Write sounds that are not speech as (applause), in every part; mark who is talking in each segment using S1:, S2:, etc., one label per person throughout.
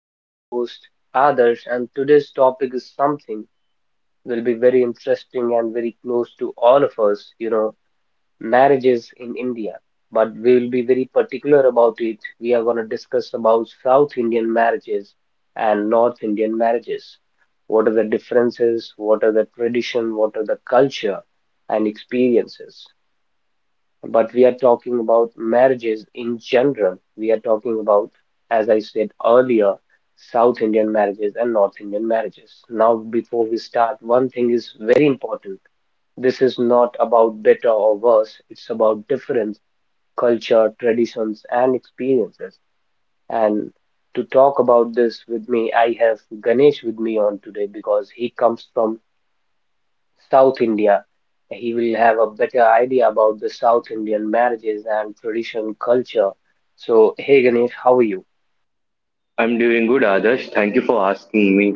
S1: I'm your host, Adarsh, and today's topic is something will be very interesting and very close to all of us, you know, marriages in India. But we will be very particular about it. We are going to discuss about South Indian marriages and North Indian marriages. What are the differences? What are the tradition? What are the culture and experiences? But we are talking about marriages in general. We are talking about, as I said earlier, South Indian marriages and North Indian marriages. Now, before we start, one thing is very important. This is not about better or worse, it's about difference, culture, traditions, and experiences. And to talk about this with me, I have Ganesh with me on today because he comes from South India. He will have a better idea about the South Indian marriages and tradition culture. So, hey Ganesh, how are you?
S2: I'm doing good, Adarsh. Thank you for asking me.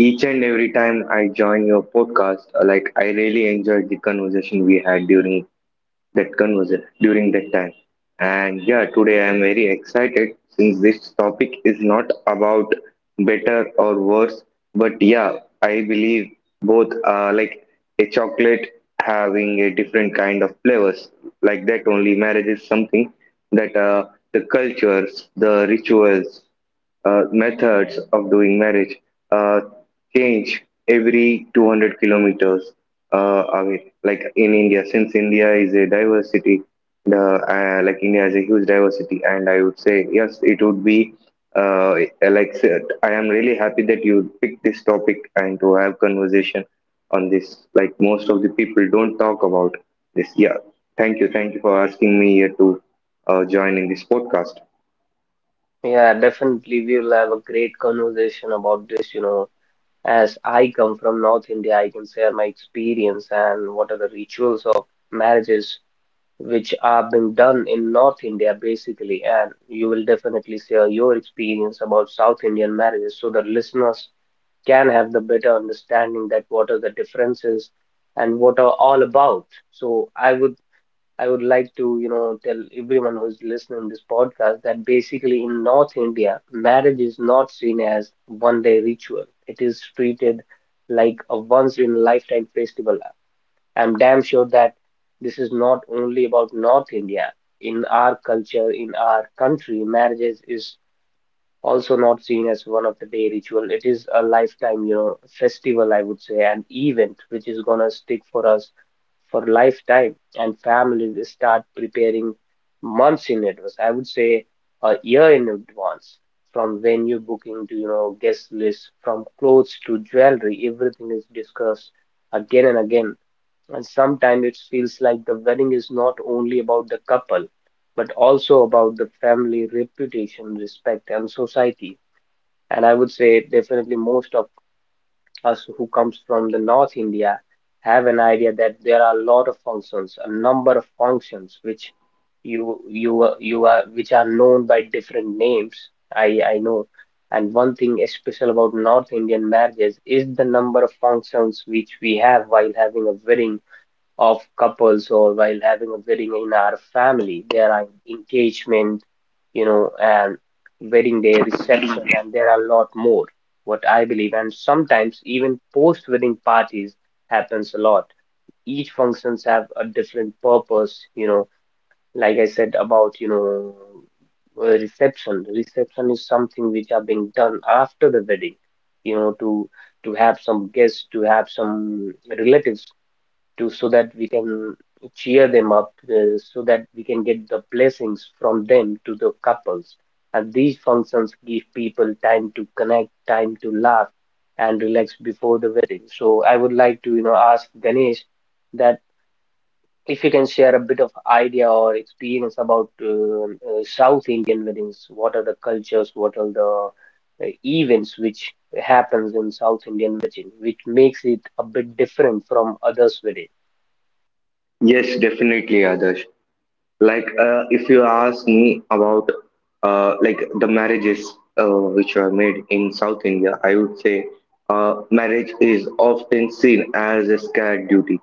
S2: Each and every time I join your podcast, like I really enjoyed the conversation we had during that conversion during that time. And yeah, today I am very excited since this topic is not about better or worse, but yeah, I believe both are like a chocolate having a different kind of flavors. Like that only, marriage is something that the cultures, the rituals, methods of doing marriage uh, change every 200 kilometers away. Like in India, since India is a diversity, the like India has a huge diversity, and I would say yes, it would be, like said, I am really happy that you picked this topic and to have conversation on this. Like most of the people don't talk about this. Yeah, thank you for asking me here to join in this podcast.
S1: Yeah, definitely we will have a great conversation about this, you know. As I come from North India, I can share my experience and what are the rituals of marriages, which are being done in North India basically, and you will definitely share your experience about South Indian marriages so the listeners can have the better understanding that what are the differences and what are all about. So I would like to, you know, tell everyone who's listening this podcast that basically in North India, marriage is not seen as one day ritual. It is treated like a once in lifetime festival. I'm damn sure that this is not only about North India. In our culture, in our country, marriages is also not seen as one of the day ritual. It is a lifetime, you know, festival, I would say, an event which is gonna stick for us for lifetime. And families start preparing months in advance. I would say a year in advance, from venue booking to, you know, guest list, from clothes to jewelry, everything is discussed again and again, and sometimes it feels like the wedding is not only about the couple, but also about the family reputation, respect, and society. And I would say definitely most of us who comes from the North India have an idea that there are a lot of functions, a number of functions which you are which are known by different names. I know. And one thing is special about North Indian marriages is the number of functions which we have while having a wedding of couples or while having a wedding in our family. There are engagement, you know, and wedding day reception, and there are a lot more, what I believe. And sometimes even post-wedding parties happens a lot. Each functions have a different purpose, you know, like I said about, you know, reception. Reception is something which are being done after the wedding, you know, to have some guests, to have some relatives to so that we can cheer them up, so that we can get the blessings from them to the couples. And these functions give people time to connect, time to laugh and relax before the wedding. So I would like to, you know, ask Ganesh that if you can share a bit of idea or experience about South Indian weddings, what are the cultures, what are the events which happens in South Indian wedding, which makes it a bit different from others' wedding.
S2: Yes, definitely, Adarsh. If you ask me about like the marriages which are made in South India, I would say marriage is often seen as a scared duty,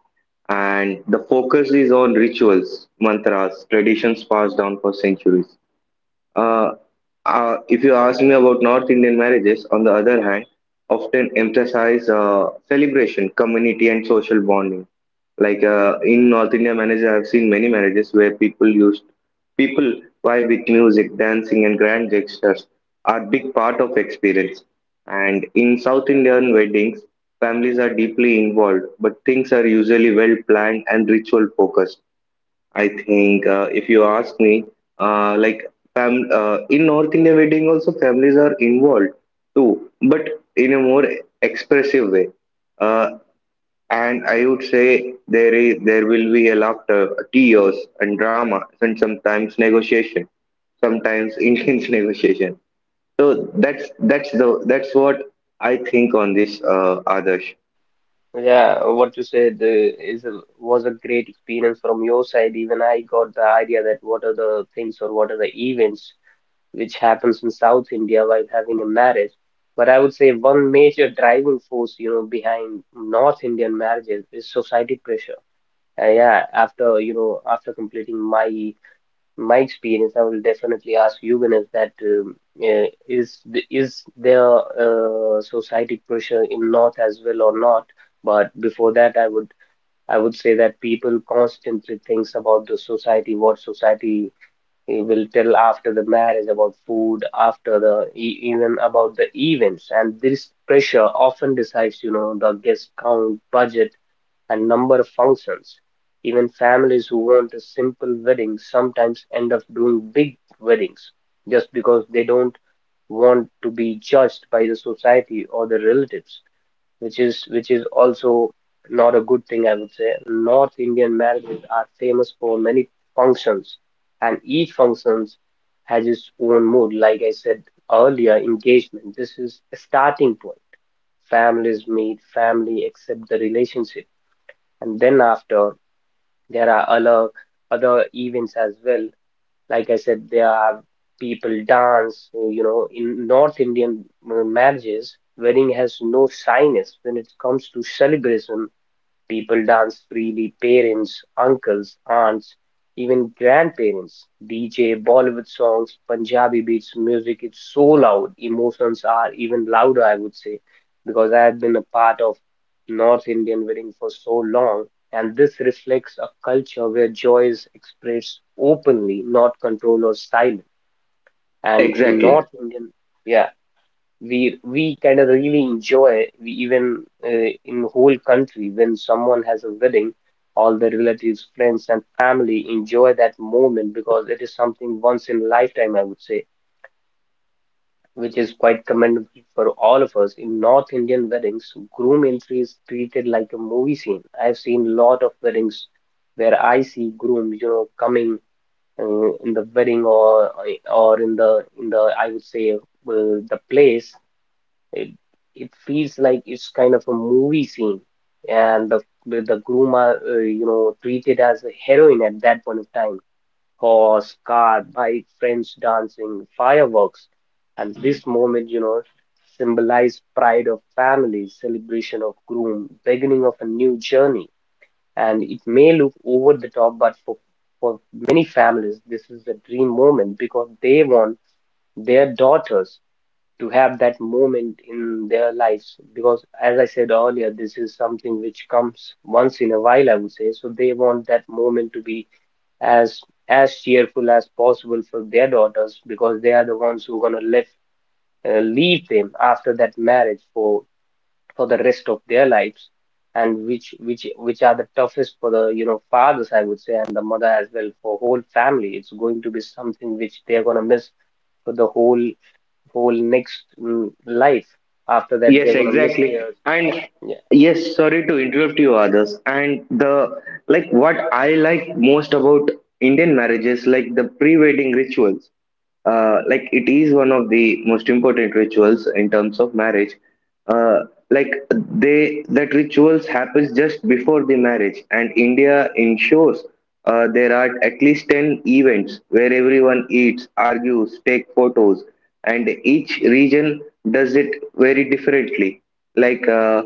S2: and the focus is on rituals, mantras, traditions passed down for centuries. Uh, if you ask me about North Indian marriages, on the other hand, often emphasize celebration, community, and social bonding. Like in North Indian marriages, I've seen many marriages where people used people why with music, dancing, and grand gestures are big part of experience. And in South Indian weddings, families are deeply involved, but things are usually well planned and ritual focused. I think if you ask me, like fam in North India wedding also families are involved too, but in a more expressive way. Uh, and I would say there will be a laughter, tears, and drama, and sometimes negotiation, sometimes (laughs) intense negotiation. So that's what I think on this, Adarsh.
S1: Yeah, what you said was a great experience from your side. Even I got the idea that what are the things or what are the events which happens in South India while having a marriage. But I would say one major driving force, you know, behind North Indian marriages is society pressure. Yeah, after after completing my experience, I will definitely ask you, Ganesh, that is there society pressure in North as well or not? But before that, I would say that people constantly thinks about the society, what society will tell after the marriage, about food, even about the events, and this pressure often decides, you know, the guest count, budget, and number of functions. Even families who want a simple wedding sometimes end up doing big weddings just because they don't want to be judged by the society or the relatives, which is also not a good thing, I would say. North Indian marriages are famous for many functions, and each functions has its own mood. Like I said earlier, engagement. This is a starting point. Families meet, family accept the relationship, and then after, there are other events as well. Like I said, there are people dance. In North Indian marriages, wedding has no shyness when it comes to celebration. People dance freely, parents, uncles, aunts, even grandparents. DJ, Bollywood songs, Punjabi beats, music, it's so loud. Emotions are even louder, I would say, because I have been a part of North Indian wedding for so long, and this reflects a culture where joy is expressed openly, not controlled or silent. And in
S2: Exactly.
S1: North Indian, yeah, we kind of really enjoy. We even, in whole country, when someone has a wedding, all the relatives, friends, and family enjoy that moment, because it is something once in lifetime, I would say, which is quite commendable for all of us. In North Indian weddings, groom entry is treated like a movie scene. I've seen a lot of weddings where I see groom, you know, coming, in the wedding, or in the I would say, the place, it it feels like it's kind of a movie scene, and the groom are, treated as a heroine at that point of time. Horse, car, bike, friends dancing, fireworks, and this moment, symbolize pride of family, celebration of groom, beginning of a new journey. And it may look over the top, but for many families, this is a dream moment because they want their daughters to have that moment in their lives, because as I said earlier, this is something which comes once in a while, I would say. So they want that moment to be as as cheerful as possible for their daughters, because they are the ones who are going to live leave them after that marriage for the rest of their lives, and which are the toughest for the, fathers, I would say, and the mother as well. For whole family, it's going to be something which they are going to miss for the whole next life. After that,
S2: Yes,
S1: they're gonna miss
S2: exactly.
S1: their.
S2: And
S1: yeah
S2: yes, sorry to interrupt you, others. And the like what I like most about Indian marriages, like the pre-wedding rituals, like it is one of the most important rituals in terms of marriage. Uh, like they that rituals happens just before the marriage, and India ensures there are at least 10 events where everyone eats, argues, take photos, and each region does it very differently. like uh,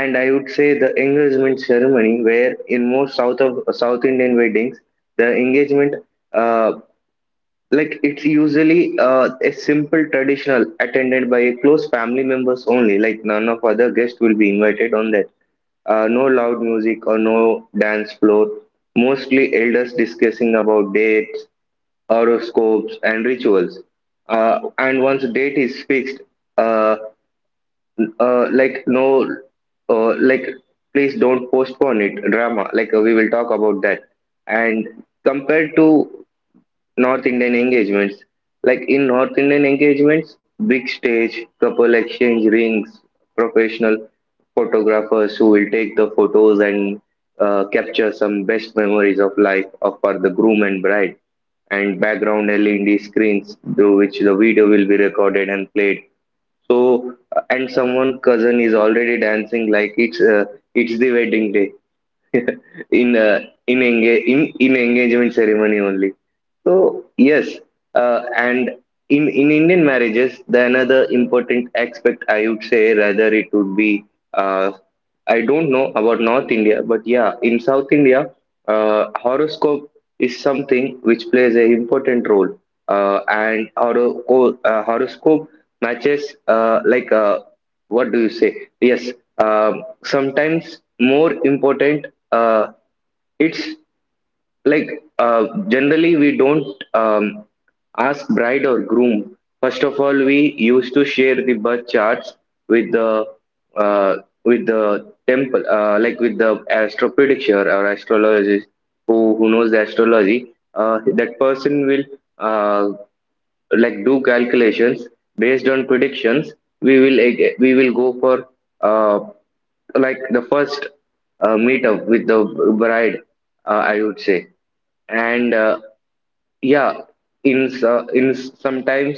S2: and I would say the engagement ceremony, where in most south Indian weddings, the engagement, uh, like it's usually a simple traditional attended by a close family members only. Like none of other guests will be invited on that. No loud music or no dance floor. Mostly elders discussing about dates, horoscopes, and rituals. And once date is fixed, uh, uh, like no, like please don't postpone it. Drama. Like we will talk about that. And compared to North Indian engagements. Like in North Indian engagements, big stage, couple exchange rings, professional photographers who will take the photos and capture some best memories of life of for the groom and bride. And background LED screens through which the video will be recorded and played. So, and someone cousin is already dancing like it's the wedding day in engagement ceremony only. So yes, and in Indian marriages, the another important aspect I would say, rather it would be, uh, I don't know about North India, but yeah, in South India, horoscope is something which plays a important role, uh, and horo- horoscope matches, what do you say? Yes, um, sometimes more important. It's like, generally we don't um, ask bride or groom. First of all, we used to share the birth charts with the, uh, with the temple, like with the astro predictor or astrologist who knows the astrology. That person will, uh, like, do calculations based on predictions. We will go for, uh, like, the first meetup with the bride, I would say. And Yeah, in so- in s- sometimes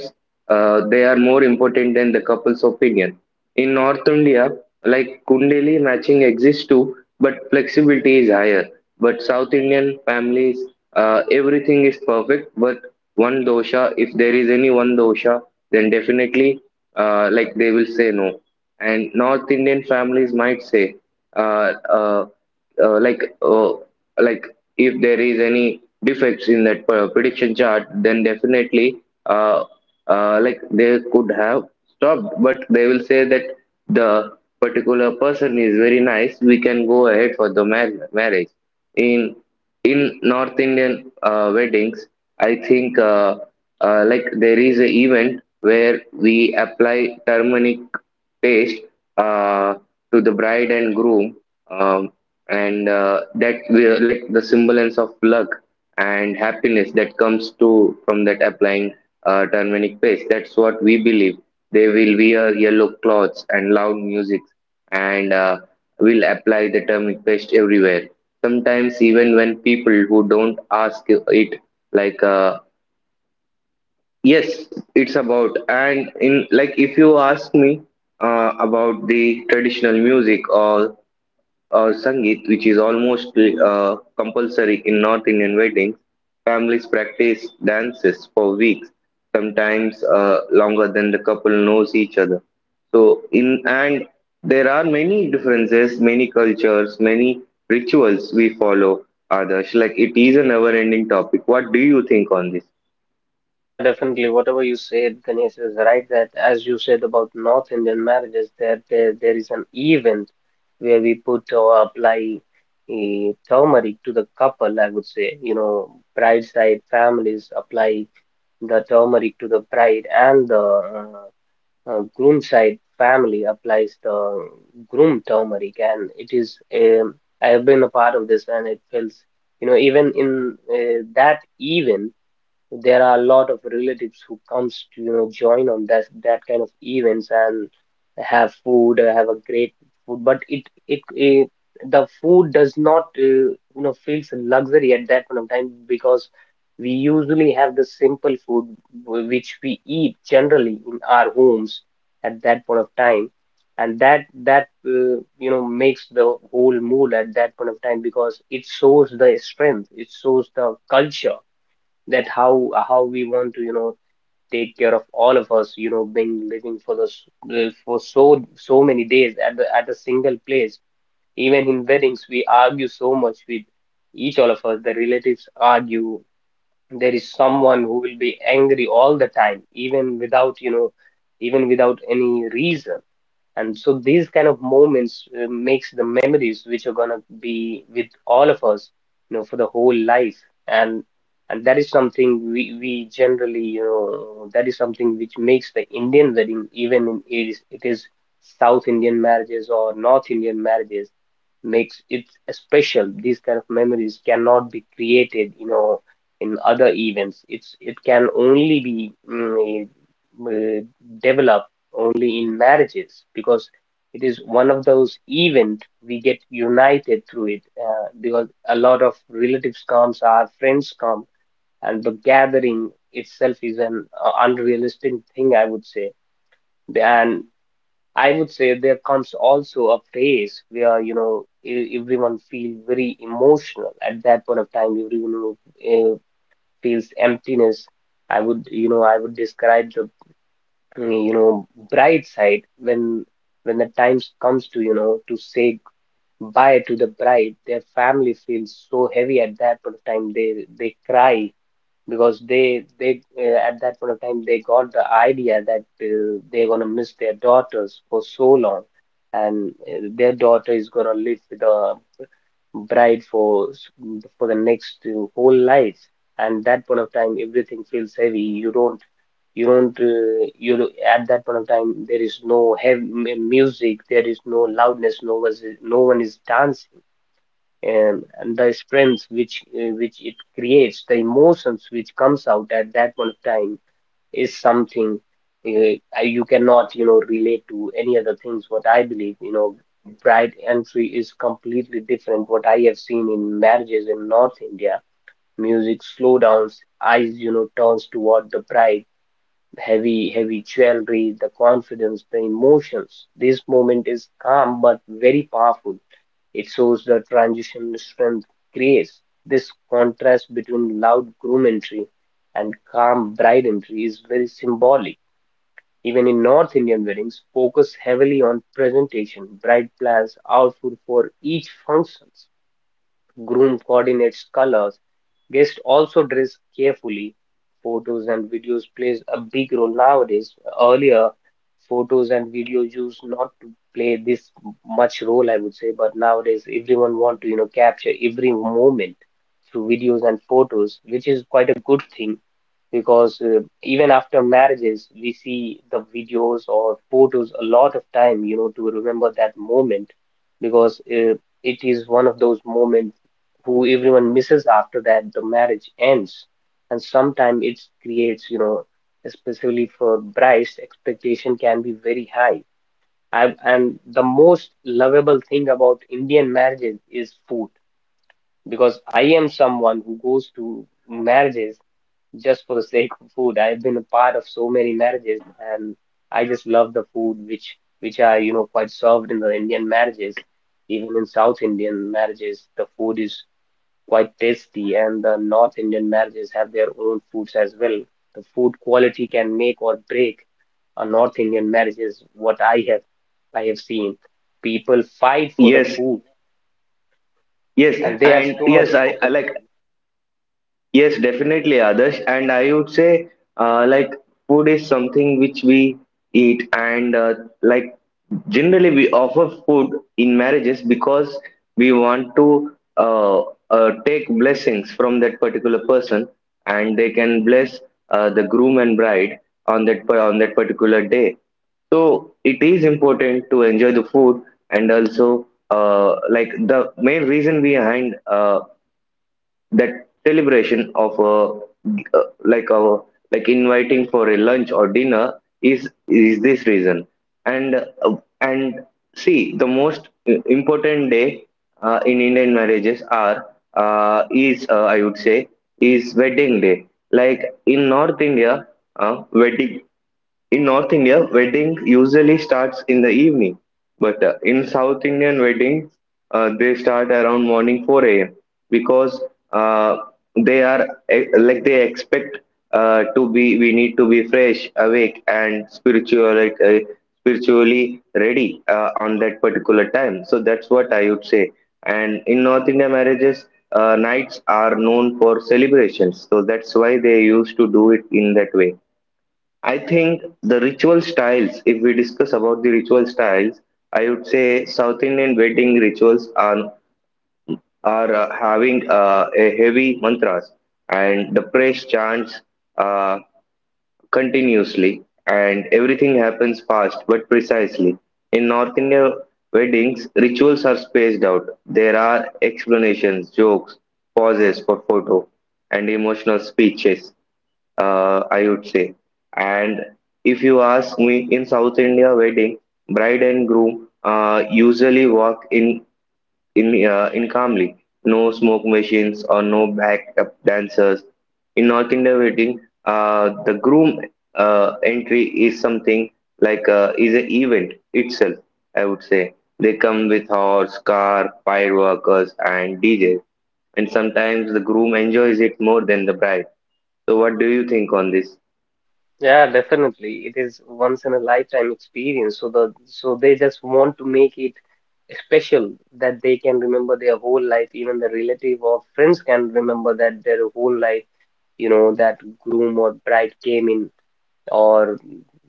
S2: they are more important than the couple's opinion. In North India, like Kundali matching exists too, but flexibility is higher. But South Indian families, everything is perfect, but one dosha, if there is any one dosha, then definitely, like, they will say no. And North Indian families might say, uh, uh, uh, like uh, like, if there is any defects in that prediction chart, then definitely, uh, like, they could have stopped, but they will say that the particular person is very nice, we can go ahead for the marriage. In in North Indian weddings, I think, like, there is an event where we apply turmeric paste uh, to the bride and groom, um, and that we are like the semblance of luck and happiness that comes to from that applying turmeric paste, that's what we believe. They will wear yellow clothes and loud music, and will apply the turmeric paste everywhere, sometimes even when people who don't ask it. Like yes, it's about. And in, like, if you ask me about the traditional music or Sangeet, which is almost compulsory in North Indian weddings, families practice dances for weeks, sometimes longer than the couple knows each other. So, in, and there are many differences, many cultures, many rituals we follow. Others, like, it is a never-ending topic. What do you think on this?
S1: yeah definitely whatever you said, Ganesh, is right. That as you said about North Indian marriages, that there is an event where we put or apply a turmeric to the couple. I would say, you know, bride side families apply the turmeric to the bride, and the groom side family applies the groom turmeric, and it is I have been a part of this, and it feels, you know, even in that event. There are a lot of relatives who comes to, join on that kind of events, and have food, have a great food. But it the food does not, feels a luxury at that point of time, because we usually have the simple food which we eat generally in our homes at that point of time, and that makes the whole meal at that point of time, because it shows the strength, it shows the culture, that how we want to, take care of all of us, being living for the, for so many days at the at a single place. Even in weddings, we argue so much with each, all of us, the relatives argue. There is someone who will be angry all the time, even without any reason. And so these kind of moments, makes the memories which are gonna be with all of us, for the whole life. and and that is something. We we generally, that is something which makes the Indian wedding, even in, it is South Indian marriages or North Indian marriages, makes it special. These kind of memories cannot be created, you know, in other events. It can only be uh, developed only in marriages, because it is one of those event we get united through it, because a lot of relatives comes, our friends come, and the gathering itself is an unrealistic thing, I would say. And I would say there comes also a phase where, you know, everyone feels very emotional. At that point of time, everyone uh, feels emptiness. I would describe the, you know, bright side when the time comes to, you know, to say bye to the bride, their family feels so heavy at that point of time. They cry because they at that point of time they got the idea that they're gonna miss their daughters for so long, and their daughter is gonna live with a bride for s- for the next whole life. And that point of time, everything feels heavy. You don't: at that point of time there is no heavy music, there is no loudness, no one is dancing and the strength which it creates, the emotions which comes out at that point of time is something you cannot, you know, relate to any other things, what I believe. You know, bride entry is completely different, what I have seen in marriages in North India. Music slow downs, eyes, you know, turns toward the bride, heavy jewelry, the confidence, the emotions, this moment is calm but very powerful. It shows the transition strength creates. This contrast between loud groom entry and calm bride entry is very symbolic. Even in North Indian weddings, focus heavily on presentation, bride plans, outfit for each functions. Groom coordinates colors. Guests also dress carefully. Photos and videos plays a big role nowadays. Earlier, photos and videos used not to play this much role, I would say, but nowadays everyone want to, you know, capture every moment through videos and photos, which is quite a good thing because even after marriages, we see the videos or photos a lot of time, you know, to remember that moment because it is one of those moments who everyone misses after that the marriage ends. And sometimes it creates, you know, especially for brides, expectation can be very high. And the most lovable thing about Indian marriages is food, because I am someone who goes to marriages just for the sake of food. I've been a part of so many marriages, and I just love the food which are, you know, quite served in the Indian marriages. Even in South Indian marriages the food is quite tasty, and the North Indian marriages have their own foods as well. The food quality can make or break a North Indian marriage, is what I have seen. People fight for the
S2: Yes,
S1: food,
S2: yes,
S1: and they have
S2: and
S1: so
S2: yes,
S1: much of
S2: I, I
S1: opinions
S2: like
S1: on it.
S2: yes, definitely, Adarsh. And I would say, like, food is something which we eat, and, like, generally, we offer food in marriages because we want to, uh, take blessings from that particular person, and they can bless the groom and bride on that on that particular day. So it is important to enjoy the food. And also, like, the main reason behind that celebration of a, uh, like a like, inviting for a lunch or dinner, is this reason. And uh, and see, the most important day in Indian marriages are, is I would say, is wedding day. Like in North India, wedding in North India, wedding usually starts in the evening, but in South Indian weddings, they start around morning 4 a.m. because, uh, they are, like, they expect to be, we need to be fresh, awake, and spiritual, like, spiritually ready on that particular time. So that's what I would say. And in North India marriages, nights are known for celebrations, so that's why they used to do it in that way. I think the ritual styles, if we discuss about the ritual styles, I would say South Indian wedding rituals are, having, a heavy mantras and the praise chants uh, continuously, and everything happens fast but precisely. In North Indian weddings, rituals are spaced out. There are explanations, jokes, pauses for photo, and emotional speeches, I would say. And if you ask me, in South India wedding, bride and groom usually walk in in calmly, no smoke machines or no backup dancers. In North India wedding, the groom entry is something like, is an event itself. I would say they come with horse, car, fireworkers, and DJ, and sometimes the groom enjoys it more than the bride. So, what do you think on this?
S1: Yeah, definitely. It is once in a lifetime experience. So they just want to make it special, that they can remember their whole life. Even the relative or friends can remember that their whole life, you know, that groom or bride came in or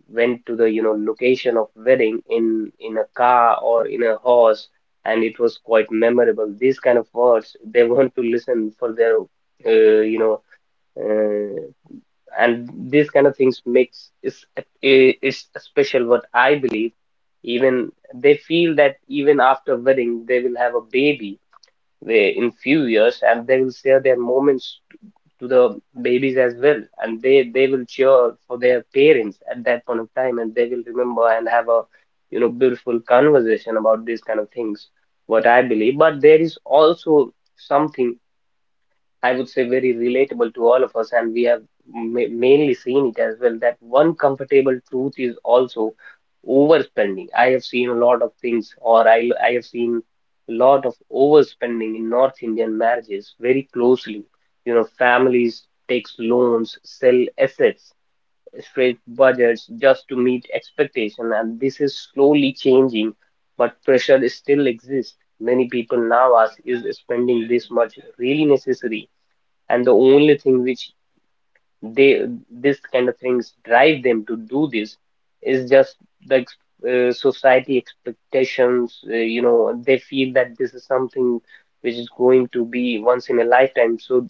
S1: went to the, you know, location of wedding in a car or in a horse, and it was quite memorable. These kind of words they (laughs) want to listen for their uh, you know uh, and these kind of things makes is it's special, what I believe. Even they feel that even after wedding they will have a baby, they in few years, and they will share their moments to the babies as well, and they will cheer for their parents at that point of time, and they will remember and have a, you know, beautiful conversation about these kind of things, what I believe. But there is also something I would say very relatable to all of us, and we have ma mainly seen it as well, that one comfortable truth is also overspending. I have seen a lot of things, or I have seen a lot of overspending in North Indian marriages very closely. You know, families takes loans, sell assets, stretch budgets just to meet expectation, and this is slowly changing, but pressure still exists. Many people now ask, is spending this much really necessary? And the only thing which they, this kind of things drive them to do this, is just the society expectations. You know, they feel that this is something which is going to be once in a lifetime, so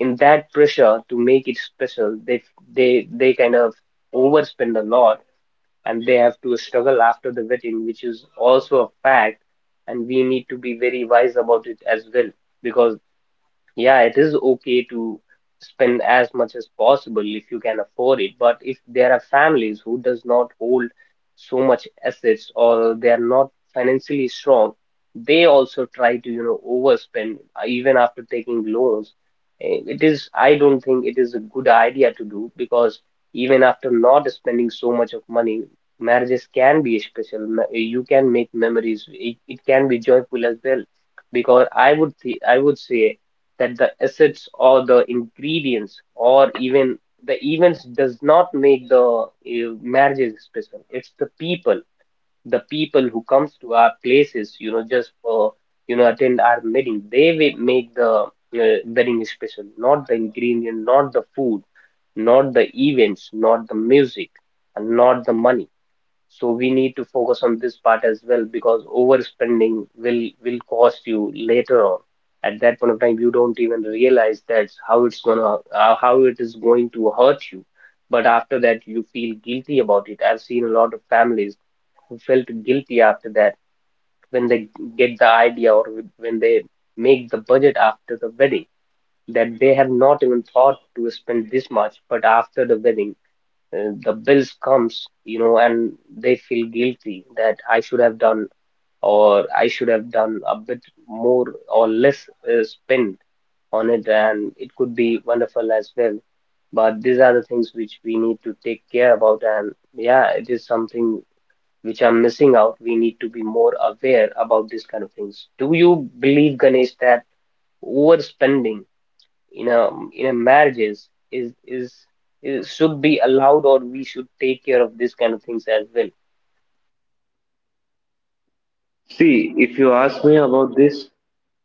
S1: in that pressure to make it special, they kind of overspend a lot, and they have to struggle after the wedding, which is also a fact. And we need to be very wise about it as well, because yeah, it is okay to spend as much as possible if you can afford it, but if there are families who does not hold so much assets or they are not financially strong, they also try to, you know, overspend even after taking loans. It is, I don't think it is a good idea to do, because even after not spending so much of money, marriages can be special. You can make memories. It can be joyful as well, because I would say that the assets or the ingredients or even the events does not make the marriages special. It's the people, the people who comes to our places, you know, just for, you know, attend our wedding, they will make the wedding special. Not the ingredient, not the food, not the events, not the music, and not the money. So we need to focus on this part as well, because overspending will cost you later on. At that point of time, you don't even realize that's how it's gonna how it is going to hurt you. But after that, you feel guilty about it. I've seen a lot of families who felt guilty after that, when they get the idea, or when they make the budget after the wedding, that they have not even thought to spend this much. But after the wedding the bills comes, you know, and they feel guilty that I should have done, or I should have done a bit more or less spend on it, and it could be wonderful as well. But these are the things which we need to take care about. And yeah, it is something which I'm missing out. We need to be more aware about these kind of things. Do you believe, Ganesh, that overspending in a in a marriages is should be allowed, or we should take care of this kind of things as well?
S2: See, if you ask me about this,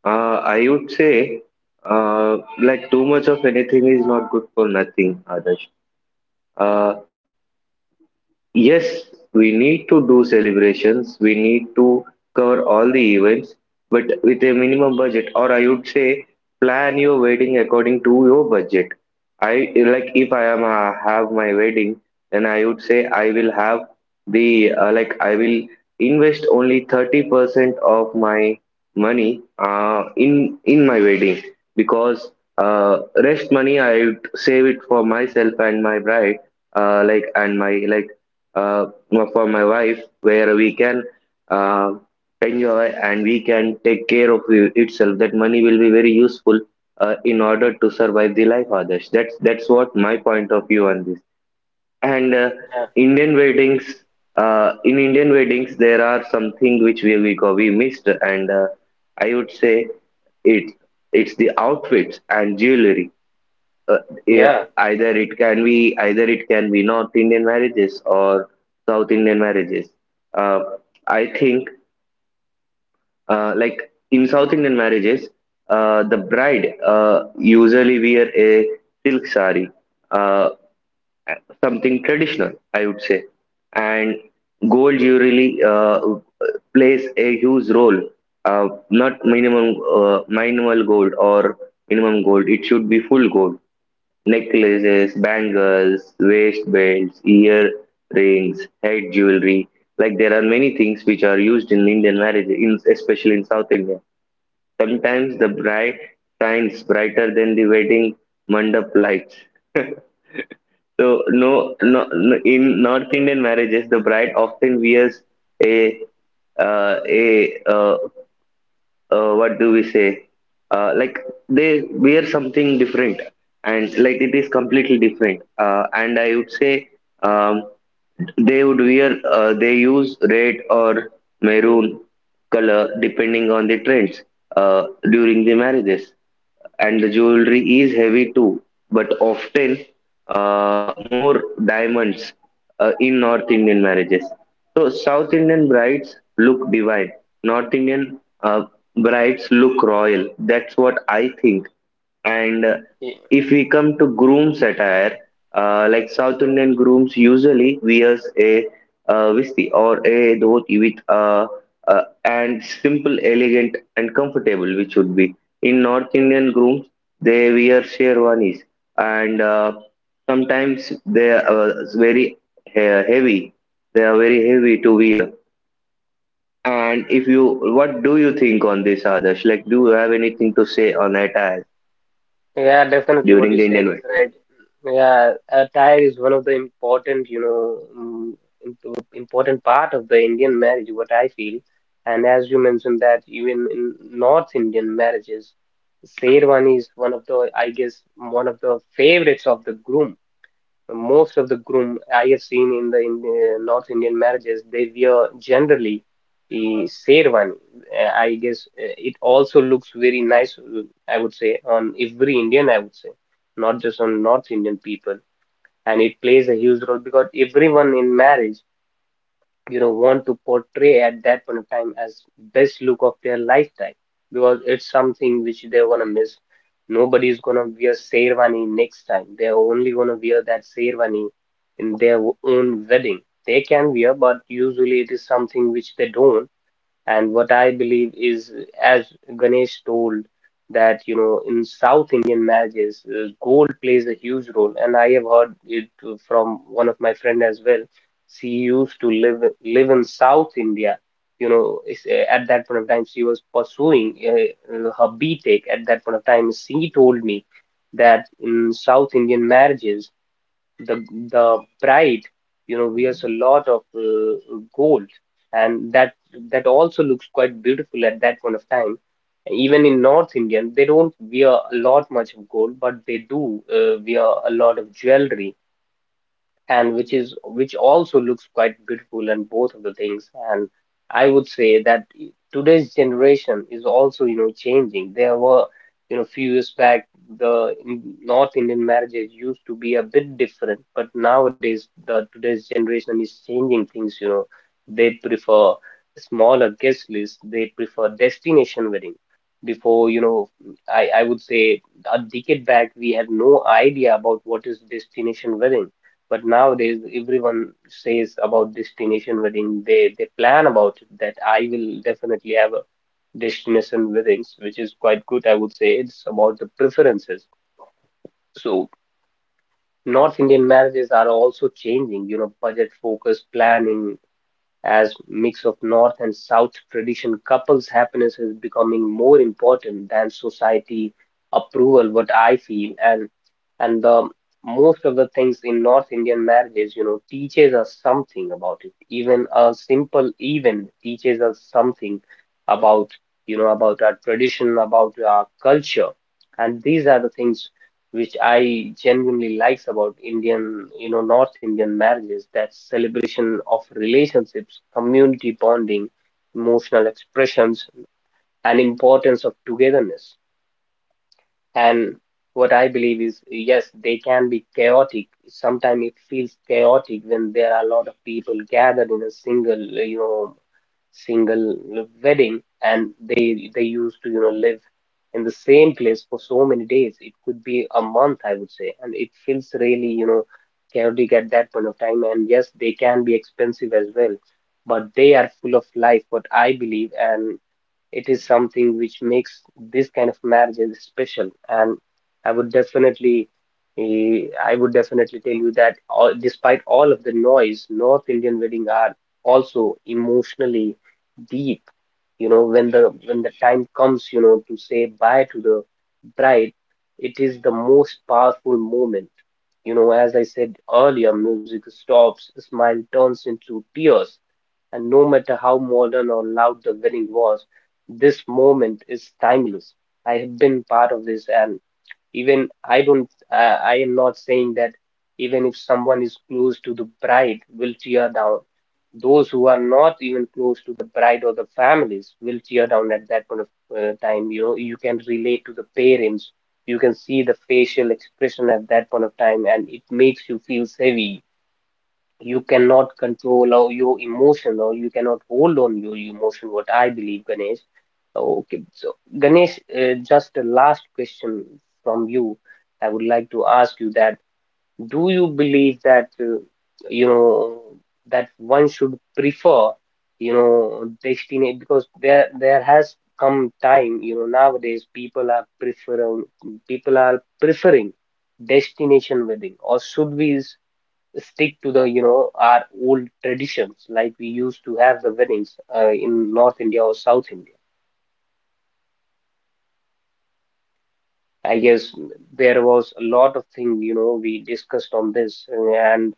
S2: I would say, like, too much of anything is not good for nothing, Adarsh. Uh, Yes, we need to do celebrations, we need to cover all the events, but with a minimum budget, or I would say plan your wedding according to your budget. I, like, if I am, have my wedding, then I would say I will have the, like, I will invest only 30% of my money in my wedding, because rest money I would save it for myself and my bride, like and my like uh, well, for my wife, where we can uh, enjoy and we can take care of itself. That money will be very useful in order to survive the life, others. That's what my point of view on this. And
S1: yeah
S2: Indian weddings, in Indian weddings there are something which we missed, and I would say it, it's the outfits and jewelry. uh, yeah,
S1: yeah
S2: either it can be North Indian marriages or South Indian marriages. Uh, I think like in South Indian marriages, the bride usually wear a silk sari, uh, something traditional, I would say, and gold jewelry plays a huge role. Not minimum Minimal gold or minimum gold. It should be full gold. Necklaces, bangles, waistbands, earrings, head jewelry. Like there are many things which are used in Indian marriage, in, especially in South India. Sometimes the bride shines brighter than the wedding mandap lights. So no, no,
S1: yeah,
S2: no, in North Indian marriages, the bride often wears a, uh, a uh, what do we say, like, they wear something different, and like it is completely different. And I would say, um, they would wear, they use red or maroon color depending on the trends uh, during the marriages. And the jewelry is heavy too, but often more diamonds in North Indian marriages. So South Indian brides look divine. North Indian brides look royal. That's what I think. And
S1: Y-
S2: if we come to groom attire, like South Indian grooms usually wears a visti or a dhoti with a, and simple, elegant, and comfortable, which would be. In North Indian grooms, they wear sherwanis, and sometimes they are very heavy. They are very heavy to wear. And if you, what do you think on this, Adarsh? Like, do you have anything to say on attire
S1: yeah, definitely, what
S2: during
S1: you
S2: the
S1: said
S2: Indian
S1: is
S2: wedding?
S1: right. Yeah, attire is one of the important, you know, important part of the Indian marriage, what I feel. And as you mentioned, that even in North Indian marriages, Sherwani is one of the, I guess, one of the favorites of the groom. Most of the groom I have seen in the North Indian marriages, they wear generally a sherwani. I guess it also looks very nice, I would say, on every Indian, I would say, not just on North Indian people. And it plays a huge role, because everyone in marriage, you know, want to portray at that point of time as best look of their lifetime, because it's something which they're gonna miss. Nobody's gonna wear sherwani next time. They're only gonna wear that sherwani in their own wedding. They can wear, but usually it is something which they don't. And what I believe is, as Ganesh told, that you know in South Indian marriages, gold plays a huge role, and I have heard it from one of my friend as well. She used to live in South India. You know, it's, at that point of time, she was pursuing her BTech. At that point of time, she told me that in South Indian marriages the the bride, you know, wears a lot of gold, and that that also looks quite beautiful at that point of time. Even in North Indian they don't wear a lot much of gold, but they do wear a lot of jewelry, and which also looks quite beautiful, and both of the things. And I would say that today's generation is also, you know, changing. There were, you know, few years back, the North Indian marriages used to be a bit different, but nowadays the today's generation is changing things, you know. They prefer smaller guest list, they prefer destination wedding. Before, you know, I would say a decade back, we had no idea about what is destination wedding, but nowadays, everyone says about destination wedding. They plan about it, that I will definitely have a destination weddings, which is quite good, I would say. It's about the preferences. So North Indian marriages are also changing, you know, budget focus planning, as mix of north and south tradition couples happiness is becoming more important than society approval what I feel and the most of the things in north indian marriages you know teaches us something about it. Even a simple event teaches us something about, you know, about our tradition, about our culture, and these are the things which I genuinely likes about Indian, you know, North Indian marriages. That celebration of relationships, community bonding, emotional expressions, and importance of togetherness. And what I believe is, yes, they can be chaotic. Sometimes it feels chaotic when there are a lot of people gathered in a single, you know, single wedding, and they used to, you know, live in the same place for so many days. It could be a month, I would say, and it feels really, you know, chaotic at that point of time. And yes, they can be expensive as well, but they are full of life, what I believe, and it is something which makes this kind of marriages special. And I would definitely, I would definitely tell you that all, despite all of the noise, North Indian wedding are also emotionally deep. You know, when the time comes, you know, to say bye to the bride, it is the most powerful moment. You know, as I said earlier, music stops, a smile turns into tears, and no matter how modern or loud the wedding was, this moment is timeless. I have been part of this, and even I don't, I am not saying that even if someone is close to the bride will tear down. Those who are not even close to the bride or the families will tear down at that point of time. You know, you can relate to the parents. You can see the facial expression at that point of time, and it makes you feel heavy. You cannot control or your emotion, or you cannot hold on your emotion, what I believe. Ganesh, okay, so Ganesh, just a last question from you. I would like to ask you that, do you believe that, you know, that one should prefer, you know, destination, because there has come time, you know, nowadays people are preferring destination wedding, or should we stick to the, you know, our old traditions, like we used to have the weddings, in North India or South India? I guess there was a lot of thing, you know, we discussed on this, and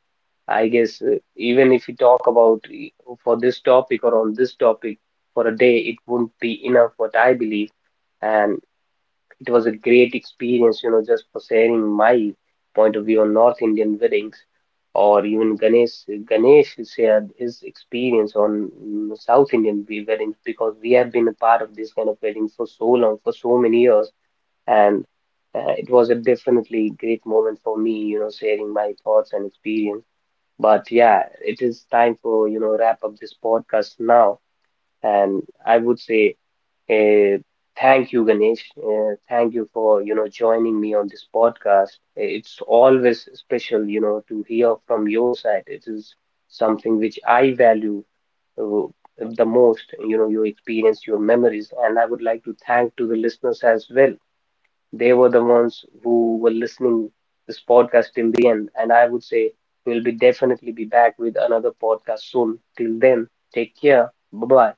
S1: I guess, even if we talk about, for this topic or on this topic, for a day, it wouldn't be enough, what I believe. And it was a great experience, you know, just for sharing my point of view on North Indian weddings, or even Ganesh shared his experience on South Indian weddings, because we have been a part of this kind of wedding for so long, for so many years, and it was a definitely great moment for me, you know, sharing my thoughts and experience. But yeah, it is time for, you know, wrap up this podcast now. And I would say, uh, thank you, Ganesh. Thank you for, you know, joining me on this podcast. It's always special, you know, to hear from your side. It is something which I value, uh, the most, you know, your experience, your memories, and I would like to thank to the listeners as well. They were the ones who were listening this podcast till the end, and I would say we'll be definitely be back with another podcast soon. Till then, take care. Bye bye.